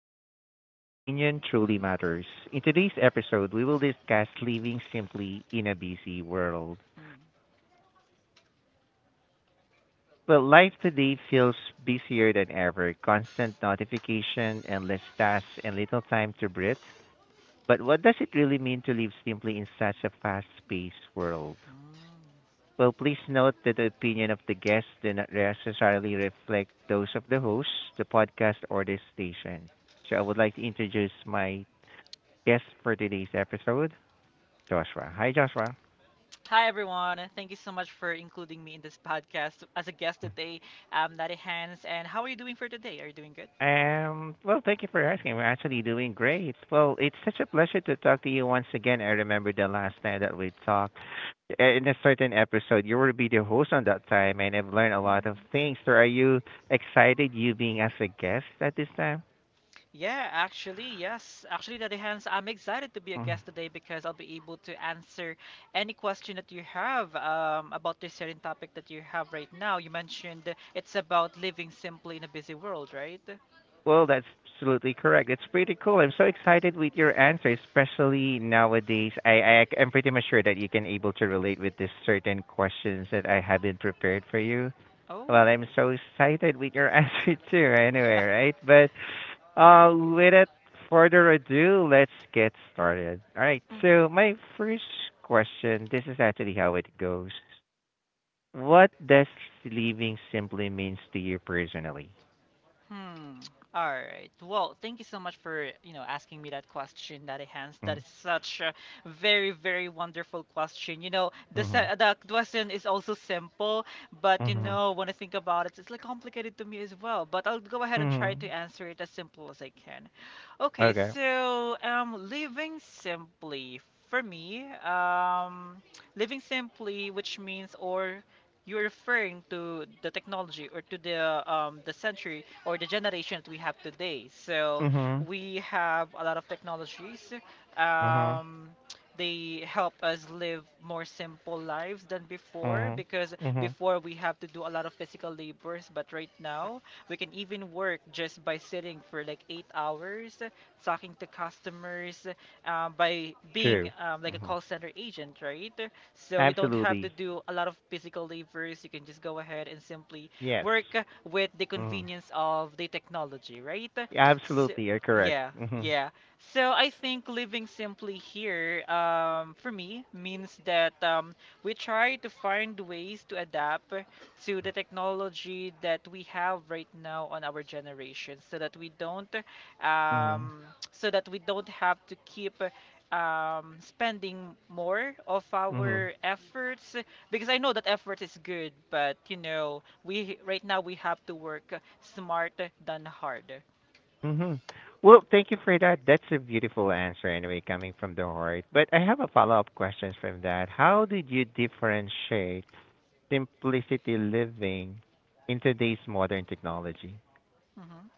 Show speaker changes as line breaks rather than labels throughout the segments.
and Flag, where your opinion truly matters. In today's episode, we will discuss living simply in a busy world. Well, life today feels busier than ever, constant notification, endless tasks, and little time to breathe. But what does it really mean to live simply in such a fast-paced world?
Mm.
Well, please note that the opinion of the guests do not necessarily reflect those of the host, the podcast, or the station. So I would like to introduce my guest for today's episode, Joshua. Hi, Joshua.
Hi everyone, thank you so much for including me in this podcast as a guest today. I'm Daddy Hans, and how are you doing for today? Are you doing good?
Well, thank you for asking. We're actually doing great. Well, it's such a pleasure to talk to you once again. I remember the last time that we talked in a certain episode. You will be the host on that time, and I've learned a lot of things. So, are you excited you being as a guest at this time?
Yeah, actually, yes. Actually, Daddy Hans, I'm excited to be a
Mm.
guest today because I'll be able to answer any question that you have about this certain topic that you have right now. You mentioned it's about living simply in a busy world, right?
Well, that's absolutely correct. It's pretty cool. I'm so excited with your answer, especially nowadays. I'm pretty much sure that you can able to relate with this certain questions that I have been prepared for you. Well,
Oh.
I'm so excited with your answer too. Anyway, right? But without further ado, let's get started. All right.
Mm.
So my first question. This is actually how it goes. What does living simply means to you personally?
Hmm. All right. Well, thank you so much for, you know, asking me that question, Daddy Hans. That is
Mm-hmm.
such a very, very wonderful question. You know,
Mm-hmm.
the question is also simple, but you
Mm-hmm.
know, when I think about it, it's like complicated to me as well. But I'll go ahead and try to
Mhm.
answer it as simple as I can. Okay,
Okay.
so living simply for me, living simply, which means or you're referring to the technology or to the century or the generation that we have today. So
Mhm.
we have a lot of technologies.
Mhm.
Um, they help us live more simple lives than before
Mhm.
because
Mhm.
before we have to do a lot of physical labors, but right now we can even work just by sitting for like 8 hours, talking to customers, by being
True.
like a
Mhm.
call center agent, right? So you don't have to
Absolutely.
do a lot of physical labors. You can just go ahead and simply
Yes.
work with the
Mhm.
convenience of the technology, right? So,
Absolutely. You're correct.
yeah,
Mhm.
yeah. So I think living simply here, for me, means that we try to find ways to adapt to the technology that we have right now on our generation, so that we don't,
Mhm.
um, so that we don't have to keep spending more of
Mhm.
our efforts, because I know that effort is good, but you know we right now we have to work smarter than harder.
Mhm. Well, thank you for that. That's a beautiful answer anyway coming from the heart. But I have a follow-up question from that. How did you differentiate simplicity living in today's modern technology?
Mhm.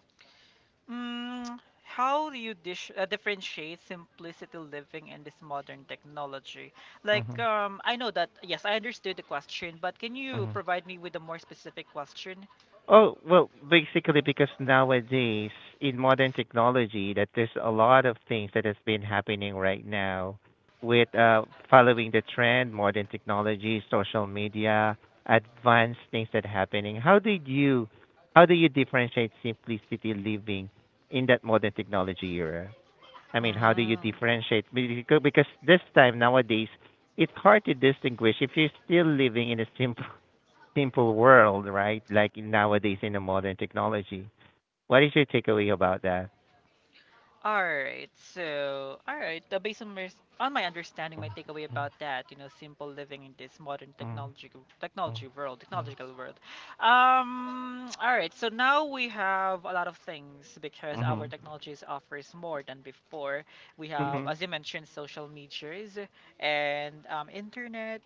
Mm, how do you differentiate simplicity living in this modern technology? Like,
Mhm.
I know that yes, I understood the question, but can you
Mhm.
provide me with a more specific question?
Oh, well, basically because nowadays in modern technology that there's a lot of things that has been happening right now with following the trend, modern technology, social media, advanced things that happening. How do you differentiate simplicity living in that modern technology era? I mean, how do you
Mm.
differentiate because this time nowadays it's hard to distinguish if you're still living in a simple world, right? Like nowadays in the modern technology. What is your takeaway about that?
All right. So, all right. Based on on my understanding, my takeaway about that, you know, simple living in this modern
Mhm.
technology technology world, technological world. All right. So now we have a lot of things because our
Mhm.
technologies offers more than before. We have, as you mentioned, social medias and internet.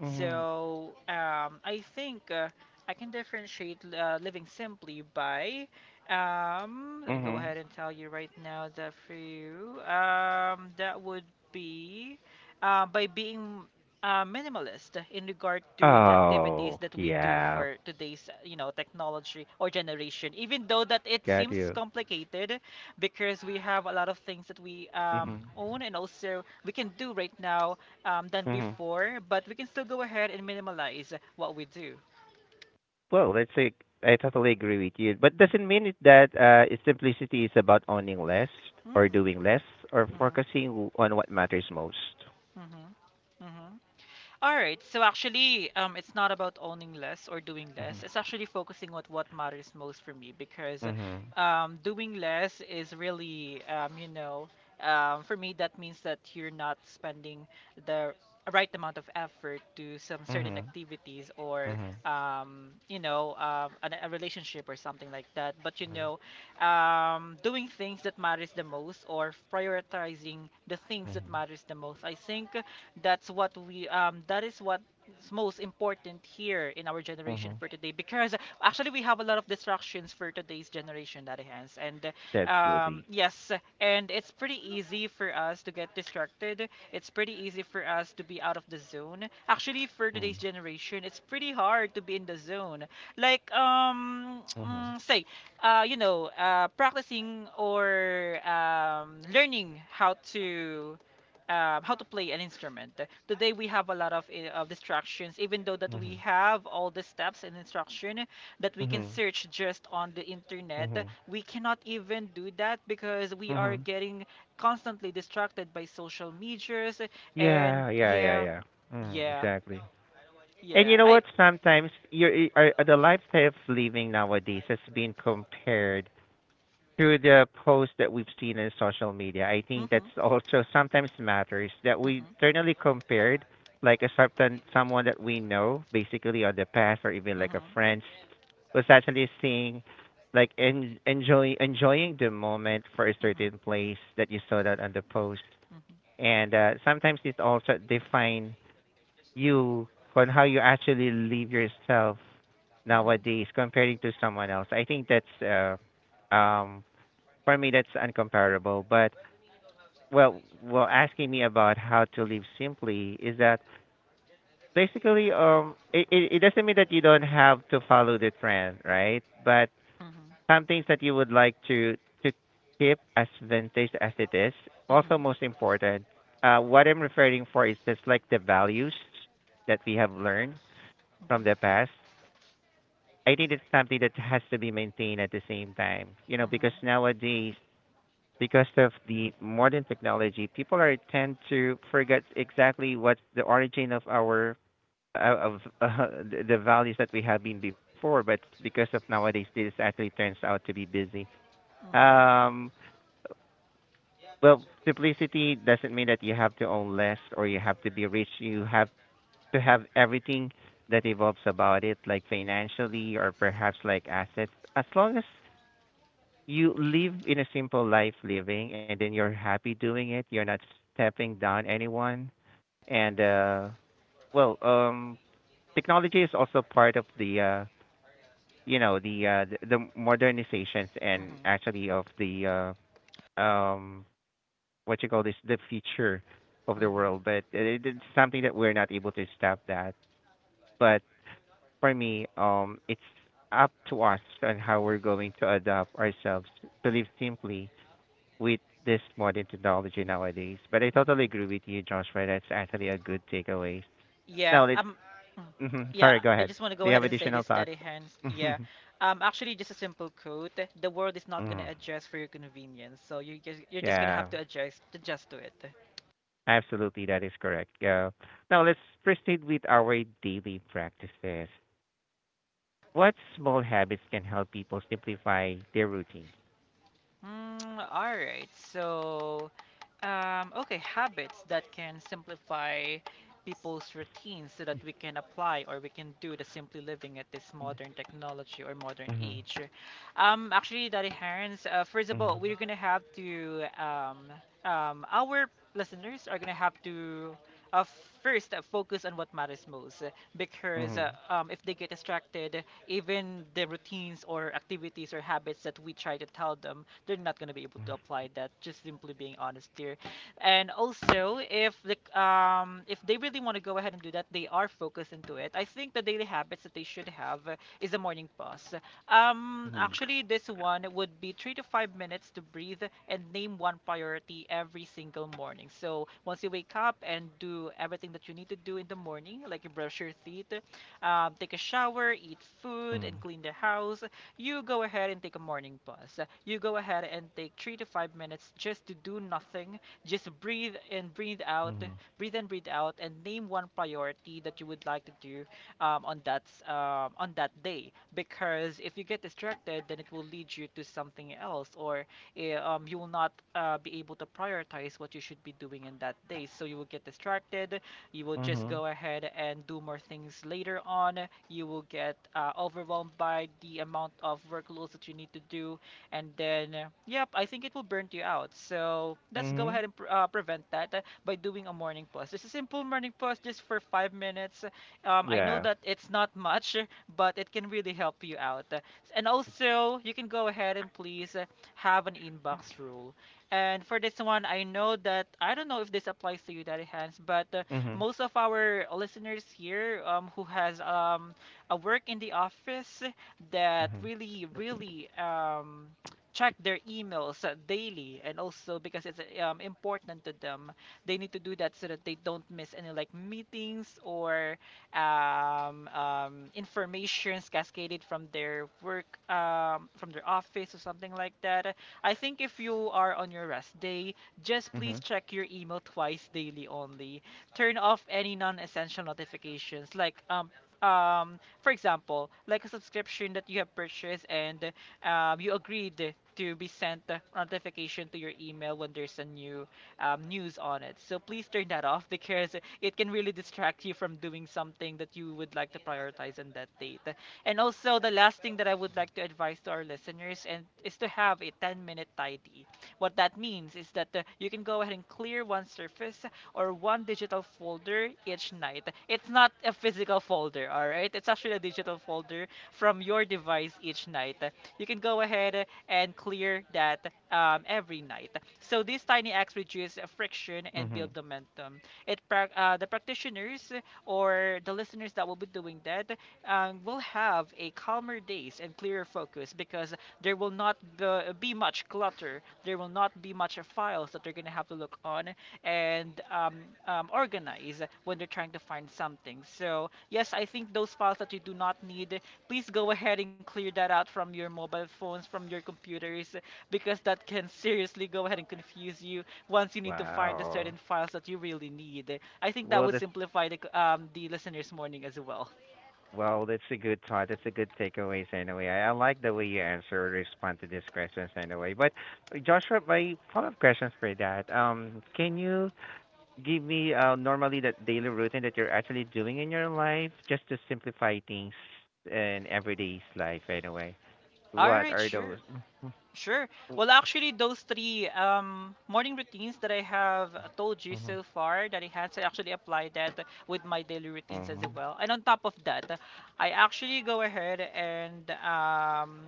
Mhm.
So, I think I can differentiate living simply by let me go
Mhm.
ahead and tell you right now that for you, that would be by being minimalist in regard to the activities
Oh,
that we do
yeah.
for today's, you know, technology or generation. Even though that it
Got
seems
you.
complicated, because we have a lot of things that we
Mhm.
own and also we can do right now than
Mhm.
before, but we can still go ahead and minimalize what we do.
Well, let's say I totally agree with you, but doesn't mean it that its simplicity is about owning less
Hmm.
or doing less or
Hmm.
focusing on what matters most.
Hmm. Hmm. All right. So actually, it's not about owning less or doing less. It's
Mhm.
actually focusing on what matters most for me, because
Mhm.
doing less is really, you know, for me, that means that you're not spending the right amount of effort to some certain
Mhm.
activities,
Mhm.
or
Mhm.
you know, a relationship or something like that. But, you know, doing things that matters the most, or prioritizing the things that
Mhm.
matters the most. I think that's what we that is what's most important here in our generation
Mhm.
for today, because actually we have a lot of distractions for today's generation that hence. And
That's lovely.
Yes, and it's pretty easy for us to get distracted. It's pretty easy for us to be out of the zone. Actually for
Mm.
today's generation it's pretty hard to be in the zone. Like
Mhm.
mm, say you know, practicing or learning how to play an instrument. Today we have a lot of distractions, even though that we
Mhm.
have all the steps and instruction that we can
Mhm.
search just on the internet.
Mhm.
We cannot even do that because we are
Mhm.
getting constantly distracted by social medias. And
Yeah, yeah, yeah,
yeah,
yeah. Mm,
yeah,
exactly. And
yeah.
you know
I.
what? Sometimes your the lifestyle of living nowadays has been compared through the posts that we've seen in social media, I think
Mhm,
that's also sometimes matters that we
mhm,
internally compared like a certain someone that we know basically on the past or even like a
mhm,
friends was actually seeing like enjoying the moment for a
mhm, mhm,
certain place that you saw that on the post
mhm,
and sometimes it also define you on how you actually live yourself
mhm,
nowadays comparing to someone else. I think that's for me that's uncomparable. But well, asking me about how to live simply is that basically it doesn't mean that you don't have to follow the trend, right? But
mhm,
some things that you would like to keep as vintage as it is.
mhm,
Also, most important, what I'm referring for is just like the values that we have learned from the
mhm,
past. I think it's something that has to be maintained at the same time, you know, because nowadays because of the modern technology, people are tend to forget exactly what's the origin of our of the values that we have been before. But because of nowadays, this actually turns out to be busy. Um, well, simplicity doesn't mean that you have to own less or you have to be rich. You have to have everything that evolves about it, like financially or perhaps like assets. As long as you live in a simple life living and then you're happy doing it, you're not stepping down anyone, and well um technology is also part of the you know the the modernizations and
mhm,
actually of the uh um what you call this the future of
mhm,
the
mhm,
world, but it's something that we're not able to stop that, but for me it's up to us on how we're going to adapt ourselves to live simply with this modern technology nowadays. But I totally
mhm.
agree with you, Joshua. That's actually a good takeaway.
Yeah.
Now let's.
Mm,
Hmm.
Yeah.
Sorry, go
I
ahead.
just want to
Do
go
you
ahead
have
and say
additional
this,
thoughts?
Daddy Hands. Yeah. Actually, just a simple quote. The world is not gonna
Mm.
adjust for your convenience, so you're just gonna
Yeah,
have to adjust to it.
absolutely. That is correct. Yeah. Now let's proceed with our daily practices. What small habits can help people simplify their routines?
Mm, all right. So, okay, habits that can simplify people's routines so that we can apply or we can do the simply living at this modern technology or modern
Mhm.
age. Actually, Daddy Hans, first of all,
Mhm.
we're gonna have to our listeners are gonna have to uh, first focus on what matters most, uh, because uh,
Mhm.
um, if they get distracted, even the routines or activities or habits that we try to tell them, they're not going to be able to apply that, just simply being honest here. And also, if the if they really want to go ahead and do that, they are focused into it. I think the daily habits that they should have is a morning pause.
Mhm.
Actually this one would be 3 to 5 minutes to breathe and name one priority every single morning. So once you wake up and do everything that you need to do in the morning, like you brush your teeth, take a shower, eat food, and
Mhm.
clean the house, you go ahead and take a morning bus. You go ahead and take 3 to 5 minutes just to do nothing, just breathe and breathe out,
Mhm.
breathe and breathe out, and name one priority that you would like to do on that day. Because if you get distracted, then it will lead you to something else, or you will not be able to prioritize what you should be doing in that day. So you will get distracted, you will just
Mhm.
go ahead and do more things later on. You will get overwhelmed by the amount of workloads that you need to do, and then yep, I think it will burn you out. So let's go
Mhm.
ahead and prevent that by doing a morning pause. This is simple morning pause, just for 5 minutes. I know
Yeah.
that it's not much, but it can really help you out. And also, you can go ahead and please have an inbox rule. And for this one, I know that I don't know if this applies to you, Daddy Hands, but
Mhm.
most of our listeners here who has a work in the office, that
Mhm.
really really check their emails daily, and also because it's important to them, they need to do that so that they don't miss any like meetings or informations cascaded from their work from their office or something like that. I think if you are on your rest day, just please
Mhm.
check your email twice daily only. Turn off any non-essential notifications, like for example like a subscription that you have purchased, and you agreed to be sent a notification to your email when there's a new news on it. So please turn that off, because it can really distract you from doing something that you would like to prioritize on that date. And also, the last thing that I would like to advise to our listeners and is to have a 10-minute tidy. What that means is that you can go ahead and clear one surface or one digital folder each night. It's not a physical folder, all right? It's actually a digital folder from your device each night. You can go ahead and clear that every night. So these tiny acts reduce friction and
Mm-hmm.
build momentum. It the practitioners or the listeners that will be doing that will have a calmer days and clearer focus, because there will not be, be much clutter. There will not be much files that they're going to have to look on and organize when they're trying to find something. So, yes, I think those files that you do not need, please go ahead and clear that out from your mobile phones, from your computers, because that can seriously go ahead and confuse you once you need to find the
Wow.
certain files that you really need. I think that
Well,
would
that's
simplify the listener's morning as well.
well, that's a good thought. That's a good takeaways anyway. I like the way you answer or respond to these questions anyway. But Joshua, my follow-up questions for that. Can you give me normally that daily routine that you're actually doing in your life just to simplify things in everyday's life anyway?
All
What
right,
are
sure.
those?
Sure. Well,
Mm-hmm.
actually, those three morning routines that I have told you
Mm-hmm.
so far that I had, so actually apply that with my daily routines as
Mm-hmm.
well. And on top of that, I actually go ahead and um,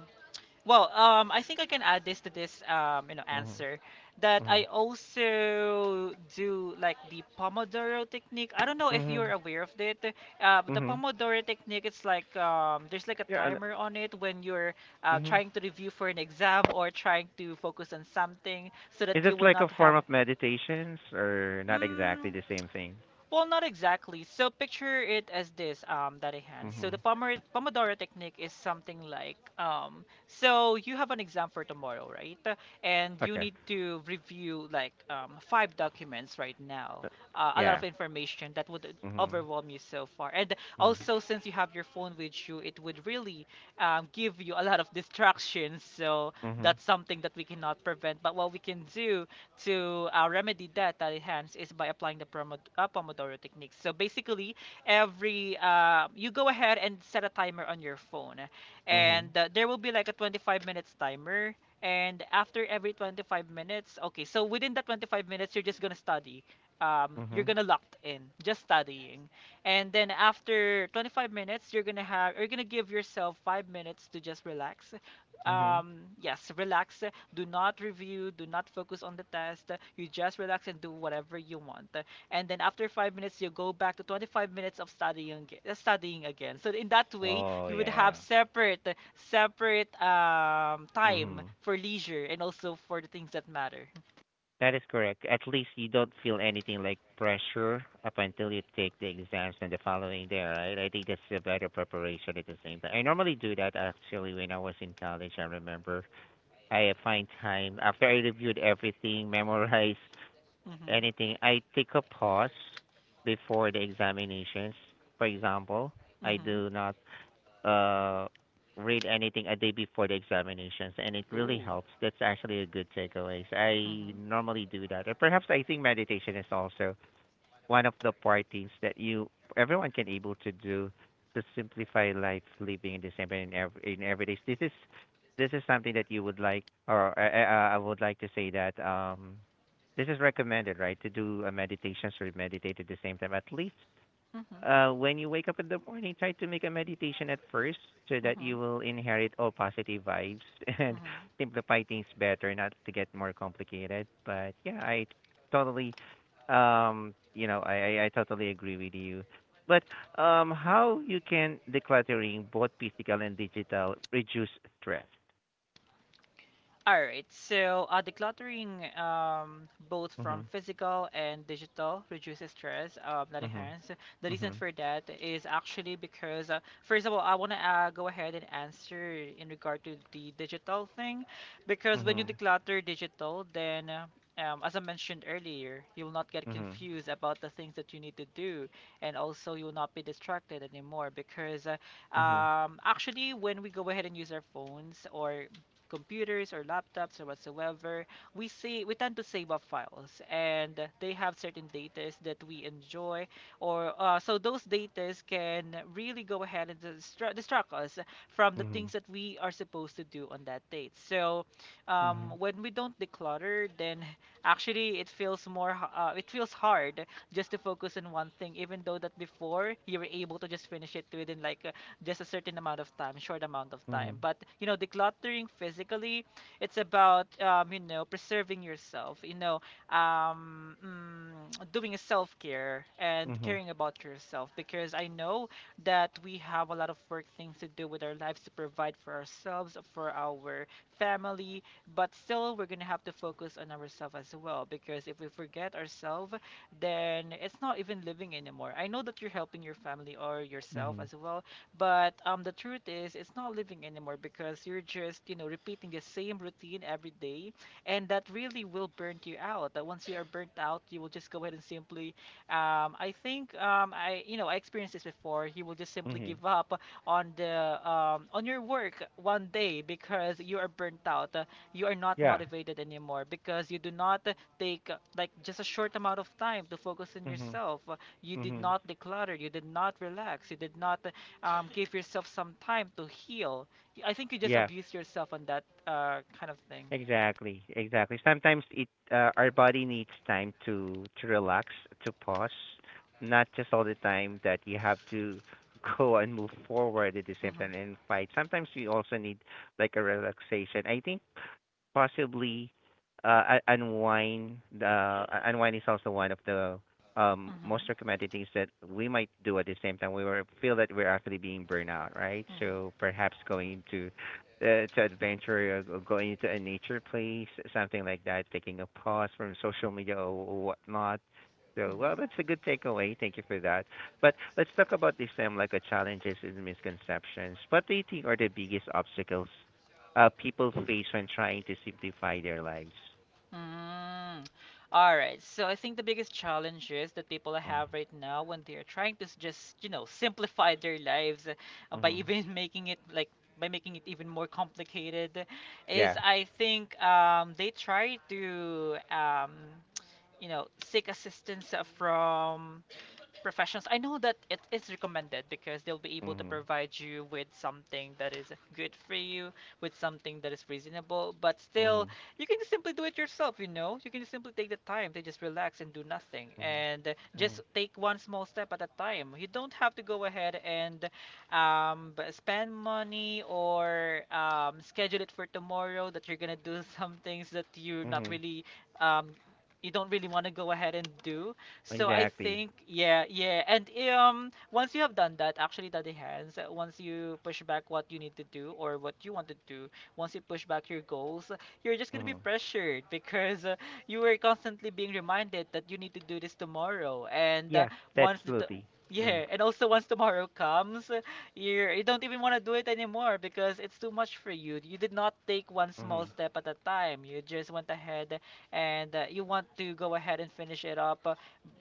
well, um, I think I can add this to this
Mm-hmm.
answer that
Mm-hmm.
I also do like the Pomodoro technique. I don't know if
Mm-hmm.
you're aware of it. But the
Mm-hmm.
Pomodoro technique, it's like there's like a
Yeah. And,
timer on it when you're
mm-hmm.
trying to review for an exam or trying to focus on something so that
Is this
you will
like a
not
form
have.
of meditations or not exactly
Mm,
the same thing?
well, not exactly. So picture it as this, Daddy Hans. So the
Mhm.
Pomer Pomodoro technique is something like, so you have an exam for tomorrow, right? And you
Okay.
need to review like five documents right now.
Uh,
A lot
yeah.
of information that would
Mhm.
overwhelm you so far. And
Mhm.
also, since you have your phone with you, it would really give you a lot of distractions. So
Mhm.
that's something that we cannot prevent. But what we can do to remedy that at hands is by applying the Pomodoro technique. So basically, every you go ahead and set a timer on your phone, and
Mhm.
there will be like a 25 minutes timer. And after every 25 minutes, okay, so within that 25 minutes, you're just gonna study. You're
Mhm.
gonna locked in, just studying, and then after 25 minutes, you're gonna give yourself 5 minutes to just relax,
Mhm.
yes, relax. Do not review, do not focus on the test, you just relax and do whatever you want, and then after 5 minutes you go back to 25 minutes of studying again. So in that way
Oh
you would have
yeah.
separate time
Mhm.
for leisure and also for the things that matter.
That is correct. At least you don't feel anything like pressure up until you take the exams and the following day, right? I think that's a better preparation at the same time. I normally do that actually when I was in college, I remember. I find time after I reviewed everything, memorized
Mm-hmm.
anything. I take a pause before the examinations. For example, I
Mm-hmm.
do not uh, read anything a day before the examinations, and it really
Ooh.
helps. That's actually a good takeaway. So I
Mm-hmm.
normally do that. And perhaps I think meditation is also one of the parties that you everyone can able to do to simplify life living in December in every day. This is something that you would like, or I would like to say that this is recommended, right? To do a meditations or meditate at the same time, at least
Mm-hmm.
when you wake up in the morning, try to make a meditation at first so that
Mm-hmm.
you will inherit all positive vibes and
Mm-hmm.
simplify things better, not to get more complicated. But yeah, I totally, you know, I totally agree with you. But how you can decluttering both physical and digital reduce stress?
All right, so decluttering both from
Mhm.
physical and digital reduces stress, that
mhm,
enhance. The reason
mhm,
for that is actually because, first of all, I want to go ahead and answer in regard to the digital thing, because when you
mhm,
declutter digital, then as I mentioned earlier, you will not get
mhm,
confused about the things that you need to do, and also you will not be distracted anymore because
mhm,
actually when we go ahead and use our phones or computers or laptops or whatsoever, we tend to save up files, and they have certain datas that we enjoy, or so those datas can really go ahead and distract us from the
mhm,
things that we are supposed to do on that date. So
mhm,
when we don't declutter, then actually it feels hard just to focus on one thing, even though that before you were able to just finish it within like just a certain amount of time, short amount of time.
mhm,
But you know, decluttering physically, it's about preserving yourself. You know, doing a self care and
mhm,
caring about yourself because I know that we have a lot of work things to do with our lives to provide for ourselves, for our family, but still we're gonna have to focus on ourselves as well because if we forget ourselves, then it's not even living anymore. I know that you're helping your family or yourself
mhm,
as well, but the truth is, it's not living anymore because you're just repeating the same routine every day, and that really will burn you out. That once you are burnt out, you will just go ahead and simply, I think, I experienced this before. You will just simply
mhm.
give up on on your work one day because you are burnt out. You are not motivated anymore because you do not take like just a short amount of time to focus on
Yeah.
yourself. You did
Mhm.
not declutter. You did not relax. You did not give yourself some time to heal. I think you just
Yeah,
abuse yourself on that kind of thing.
exactly. Exactly. Sometimes it our body needs time to relax, to pause, not just all the time that you have to go and move forward at the same time
Mm-hmm.
and fight. Sometimes we also need like a relaxation. I think possibly uh, un- unwind unwind is also one of the
Mm-hmm.
most recommended things that we might do at the same time. We were feel that we're actually being burned out, right? So
Mm-hmm.
perhaps going to adventure or going into a nature place, something like that, taking a pause from social media, or whatnot. So well, that's
Mm-hmm.
a good takeaway. Thank you for that. But let's talk about this time, like a challenges and misconceptions. What do you think are the biggest obstacles people face when trying to simplify their lives?
Mm. All right. So I think the biggest challenges that people
Mm-hmm.
have right now when they are trying to just, simplify their lives by
Mm-hmm.
even making it like by making it even more complicated is
Yeah.
I think they try to seek assistance from professionals. I know that it is recommended because they'll be able to
Mm-hmm.
provide you with something that is good for you, with something that is reasonable, but still,
Mm-hmm.
you can just simply do it yourself, you know? You can just simply take the time to just relax and do nothing
Mm-hmm.
and just
Mm-hmm.
take one small step at a time. You don't have to go ahead and spend money or schedule it for tomorrow that you're gonna do some things that you're not
Mm-hmm.
really um, you don't really want to go ahead and do, so I
Exactly.
think, yeah, yeah. And once you have done that, actually, Daddy Hands, once you push back what you need to do or what you want to do, once you push back your goals, you're just gonna be
Mm-hmm.
pressured because you were constantly being reminded that you need to do this tomorrow. And
Yeah, that's
once the t-
absolutely. Mm-hmm.
yeah, and also once tomorrow comes, you don't even want to do it anymore because it's too much for you. You did not take one small
Mm-hmm.
step at a time. You just went ahead and you want to go ahead and finish it up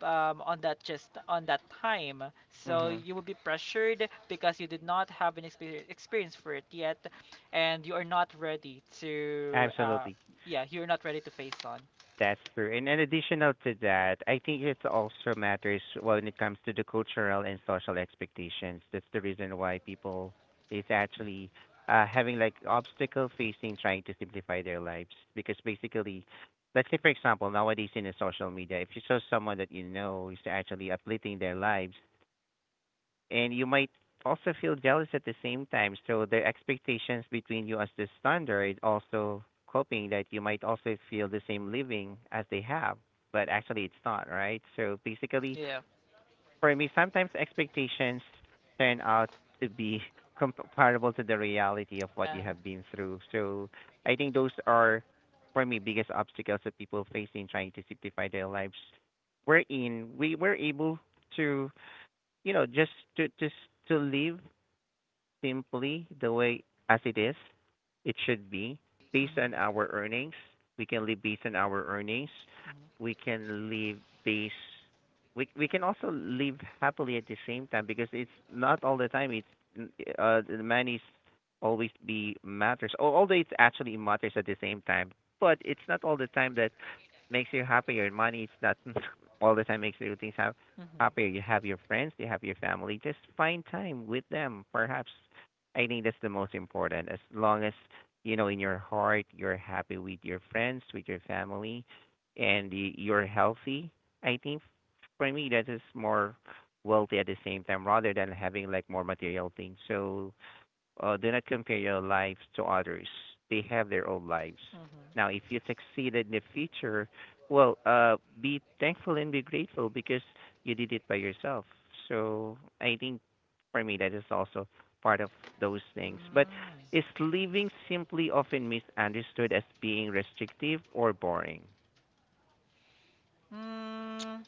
on that time. So
Mm-hmm.
you will be pressured because you did not have an experience for it yet, and, you are not ready to
Absolutely.
yeah, you're not ready to face on.
That's true. And in additional to that, I think it also matters when it comes to the cultural and social expectations. That's the reason why people is actually having like obstacle facing trying to simplify their lives. Because basically, let's say for example, nowadays in the social media, if you saw someone that you know is actually uplifting their lives, and you might also feel jealous at the same time. So the expectations between you as the standard also hoping that you might also feel the same living as they have, but actually it's not, right? So basically,
Yeah.
for me, sometimes expectations turn out to be comparable to the reality of what you
Uh,
have been through. So I think those are, for me, biggest obstacles that people face in trying to simplify their lives. Wherein we were able to you know just to live simply, the way as it is, it should be based
mhm,
on our earnings. We can live based on our earnings.
mhm,
We can live based we we can also live happily at the same time, because it's not all the time. It's the money always be matters, although it actually matters at the same time, but it's not all the time that makes you happier. Money is not all the time makes you things
mhm,
happier. You have your friends, you have your family. Just find time with them. Perhaps I think that's the most important. As long as you know in your heart you're happy with your friends, with your family, and you're healthy. I think for me that is more wealthy at the same time rather than having like more material things. So do not compare your lives to others. They have their own lives.
mhm.
Now, if you succeed in the future, well, be thankful and be grateful because you did it by yourself. So I think for me that is also part of those things. But is living simply often misunderstood as being restrictive or boring?
Mm.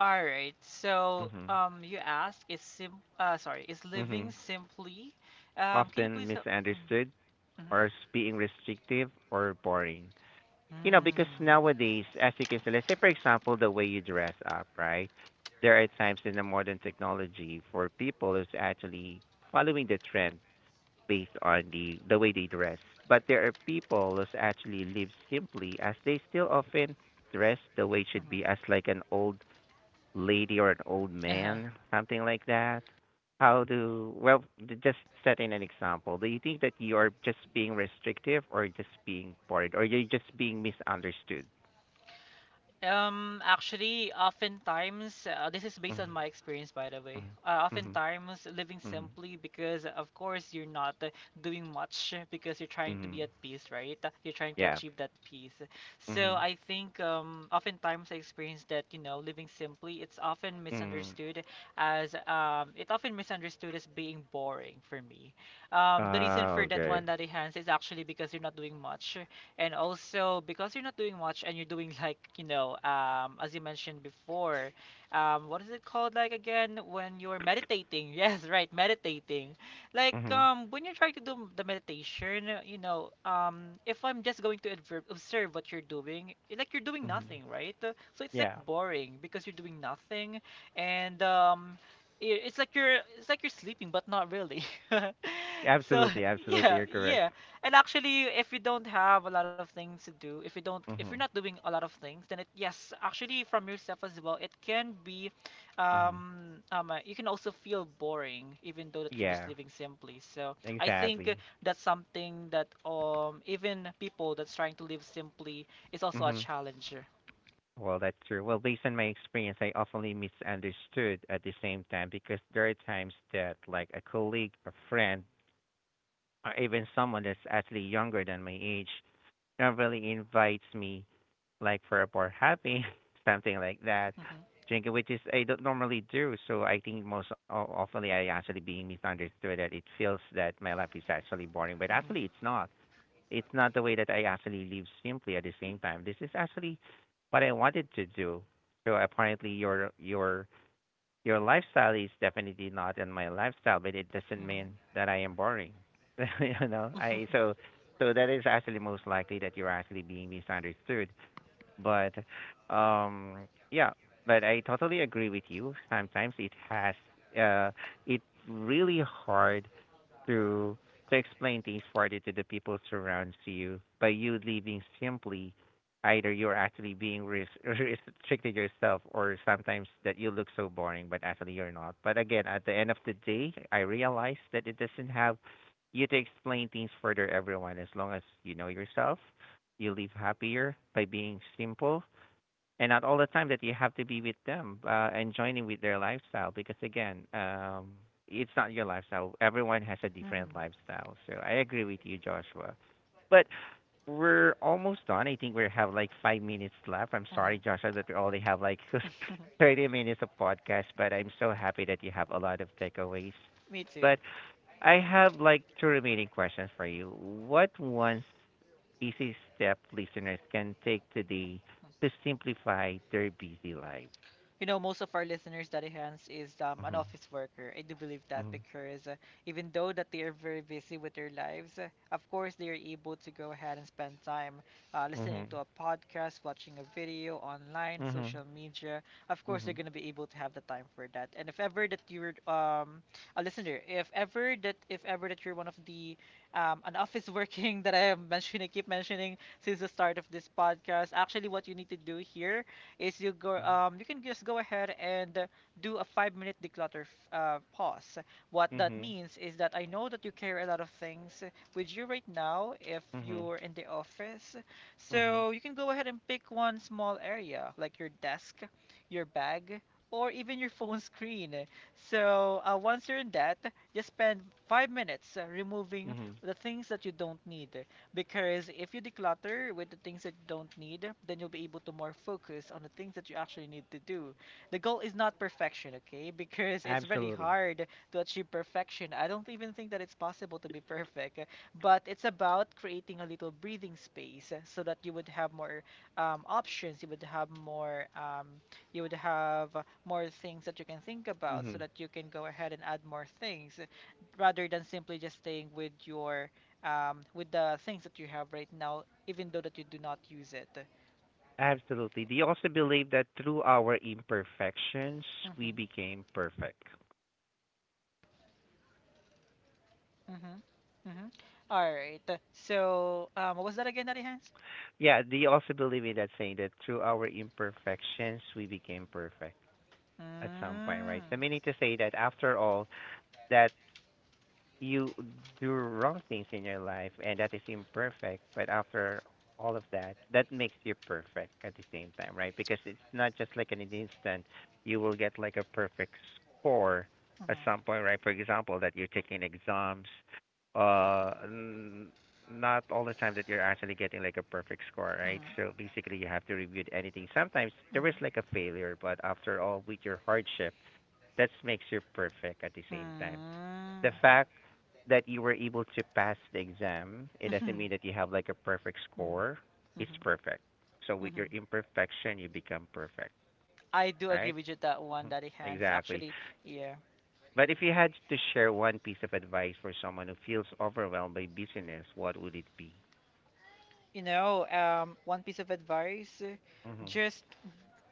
All right. So,
Mhm.
you ask is sim sorry, is living
Mhm.
simply? Can you
Often
please help? Mm.
misunderstood,
Mm-hmm.
or as being restrictive or boring.
Mm.
Because nowadays, as you can say, let's say for example, the way you dress up, right? There are times in the modern technology for people is actually following the trend based on the way they dress. But there are people who actually live simply, as they still often dress the way it should be, as like an old lady or an old
Mm-hmm.
man, something like that. How do, well, just setting an example? Do you think that you are just being restrictive, or just being bored, or you're just being misunderstood?
Actually, oftentimes, this is based
Mhm,
on my experience, by the way.
mhm,
Uh,
mhm,
oftentimes, living
mhm,
simply because, of course, you're not doing much because you're trying to be
mhm.
at peace, right? You're trying to
Yeah.
achieve that peace. So
Mhm,
I think, oftentimes I experience that living simply,
mhm.
it often misunderstood as being boring for me. The reason
Ah,
for that
okay.
one, that hands is actually because you're not doing much and also because you're not doing much and you're doing like, as you mentioned before, what is it called like again when you're meditating? Yes, right, meditating. Like
Mhm,
when you're trying to do the meditation, if I'm just going to observe, observe what you're doing, like you're doing
mhm.
nothing, right? So it's like
Yeah.
boring because you're doing nothing, and it's like you're sleeping, but not really. So
Absolutely, absolutely.
yeah,
You're correct.
yeah. And actually, if you don't have a lot of things to do, if you're not
Mhm,
doing a lot of things, then it, yes, actually from yourself as well, it can be,
mhm.
you can also feel boring, even though that you're just
Yeah.
living simply. So I think
Exactly.
that's something that even people that's trying to live simply is also a
Mhm.
challenge.
Well, that's true. Well, based on my experience, I often misunderstood at the same time, because there are times that, like, a colleague, a friend, or even someone that's actually younger than my age, normally invites me like for a bar hopping, something like that,
Hmm.
drinking, which is I don't normally do. So I think most oftenly I actually being misunderstood, that it feels that my life is actually boring, but
Hmm.
actually it's not. It's not the way that I actually live simply at the same time. This is actually what I wanted to do. So apparently your lifestyle is definitely not in my lifestyle, but it doesn't mean that I am boring. you know,
Hmm.
I so so that is actually most likely that you're actually being misunderstood. But yeah, but I totally agree with you. Sometimes it has uh it's really hard to explain things further to the people surrounds you by you leaving simply, either you're actually being restricted yourself, or sometimes that you look so boring but actually you're not. But again, at the end of the day, I realize that it doesn't have you to explain things further everyone, as long as you know yourself, you live happier by being simple, and not all the time that you have to be with them and joining with their lifestyle, because again, it's not your lifestyle. Everyone has a different
Hmm.
lifestyle, so I agree with you, Joshua. But we're almost done. I think we have like 5 minutes left. I'm
Hmm.
sorry, Joshua, that we only have like 30 minutes of podcast, but I'm so happy that you have a lot of takeaways.
Me too.
But I have like two remaining questions for you. What, one easy step listeners can take today to simplify their busy lives.
You know, most of our listeners that hands is an
Mhm.
office worker. I do believe that
Mhm.
because even though that they are very busy with their lives, of course they are able to go ahead and spend time listening to
Mhm.
a podcast, watching a video online,
Mhm.
social media. Of course, they're
Mhm.
gonna be able to have the time for that. And if ever that you're a listener, if ever that you're one of the an office working that I am mentioning, keep mentioning since the start of this podcast, actually what you need to do here is you can just go ahead and do a 5 minute declutter pause. What that
Mhm.
means is that I know that you carry a lot of things with you right now if
Mhm.
you're in the office.
Mhm.
So you can go ahead and pick one small area like your desk, your bag, or even your phone screen. So once you're in that, just spend 5 minutes removing
Mhm.
the things that you don't need. Because if you declutter with the things that you don't need, then you'll be able to more focus on the things that you actually need to do. The goal is not perfection, okay? Because it's very
Absolutely.
hard to achieve perfection. I don't even think that it's possible to be perfect, but it's about creating a little breathing space so that you would have more options, you would have more things that you can think about so
Mhm.
that you can go ahead and add more things rather than simply just staying with the things that you have right now, even though that you do not use it.
Absolutely. They also believe that through our imperfections,
Mm-hmm.
we became perfect.
Mm-hmm. Mm-hmm. All right. So, what was that again, Daddy Hands?
Yeah, they also believe in that saying that through our imperfections, we became perfect at some point,
Mm.
right? So meaning to say that after all, that you do wrong things in your life and that is imperfect, but after all of that, that makes you perfect at the same time, right? Because it's not just like in an instant you will get like a perfect score at some
Mm-hmm.
point, right? For example, that you're taking exams, uh n- not all the time that you're actually getting like a perfect score, right? So
Mm-hmm.
basically you have to review anything. Sometimes there is like a failure, but after all with your hardship, that makes you perfect at the same time. The fact that you were able to pass the exam, it doesn't
Mm-hmm.
mean that you have like a perfect score.
Mm-hmm.
It's
Mm-hmm.
perfect. So with your
Mm-hmm.
imperfection, you become perfect,
I do agree
right?
with you that one,
Mhm.
Daddy Hands.
Exactly.
Actually, yeah.
But if you had to share one piece of advice for someone who feels overwhelmed by business, what would it be?
You know, one piece of advice:
Mhm.
just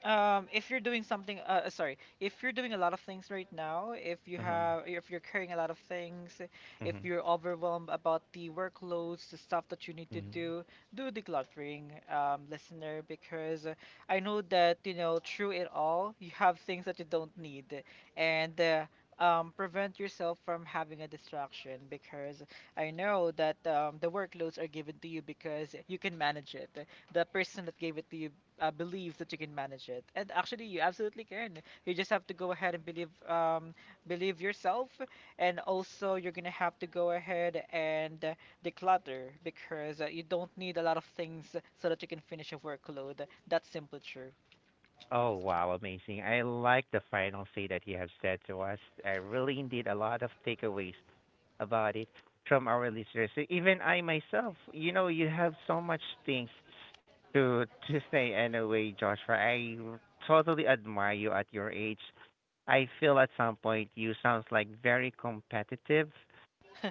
If you're doing something, sorry, if you're doing a lot of things right now,
Mhm.
if you're carrying a lot of things, if
Mhm.
you're overwhelmed about the workloads, the stuff that you need to
Mhm.
do, do decluttering, listener, because I know that, through it all, you have things that you don't need, and prevent yourself from having a distraction, because I know that the workloads are given to you because you can manage it, the person that gave it to you believe that you can manage it. And actually, you absolutely can. You just have to go ahead and believe yourself, and also you're gonna have to go ahead and declutter because you don't need a lot of things so that you can finish a workload. That's simply true.
Oh wow, amazing! I like the final say that you have said to us. I really indeed a lot of takeaways about it from our listeners. So even I myself, you know, you have so much things to say anyway, Joshua. I totally admire you at your age. I feel at some point you sounds like very competitive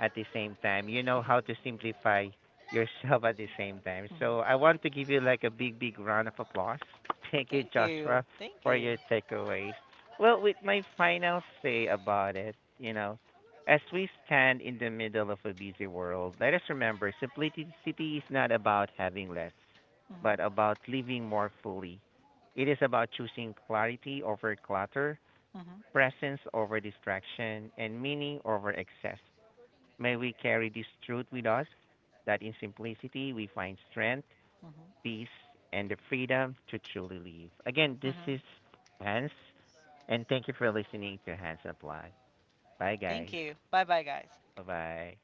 at the same time. You know how to simplify yourself at the same time. So I
Mhm.
want to give you like a big, big round of applause. Thank you,
Thank you.
Joshua,
Thank
for
you.
your takeaways. Well, with my final say about it, you know, as we stand in the middle of a busy world, let us remember simplicity is not about having less, but
Mhm.
about living more fully. It is about choosing clarity over clutter,
Mhm.
presence over distraction, and meaning over excess. May we carry this truth with us, that in simplicity we find strength,
Mhm.
peace, and the freedom to truly live. Again, this
Mhm.
is Hans, and thank you for listening to Hans Applied. Bye,
Thank
guys.
you. Bye bye, guys.
Bye bye.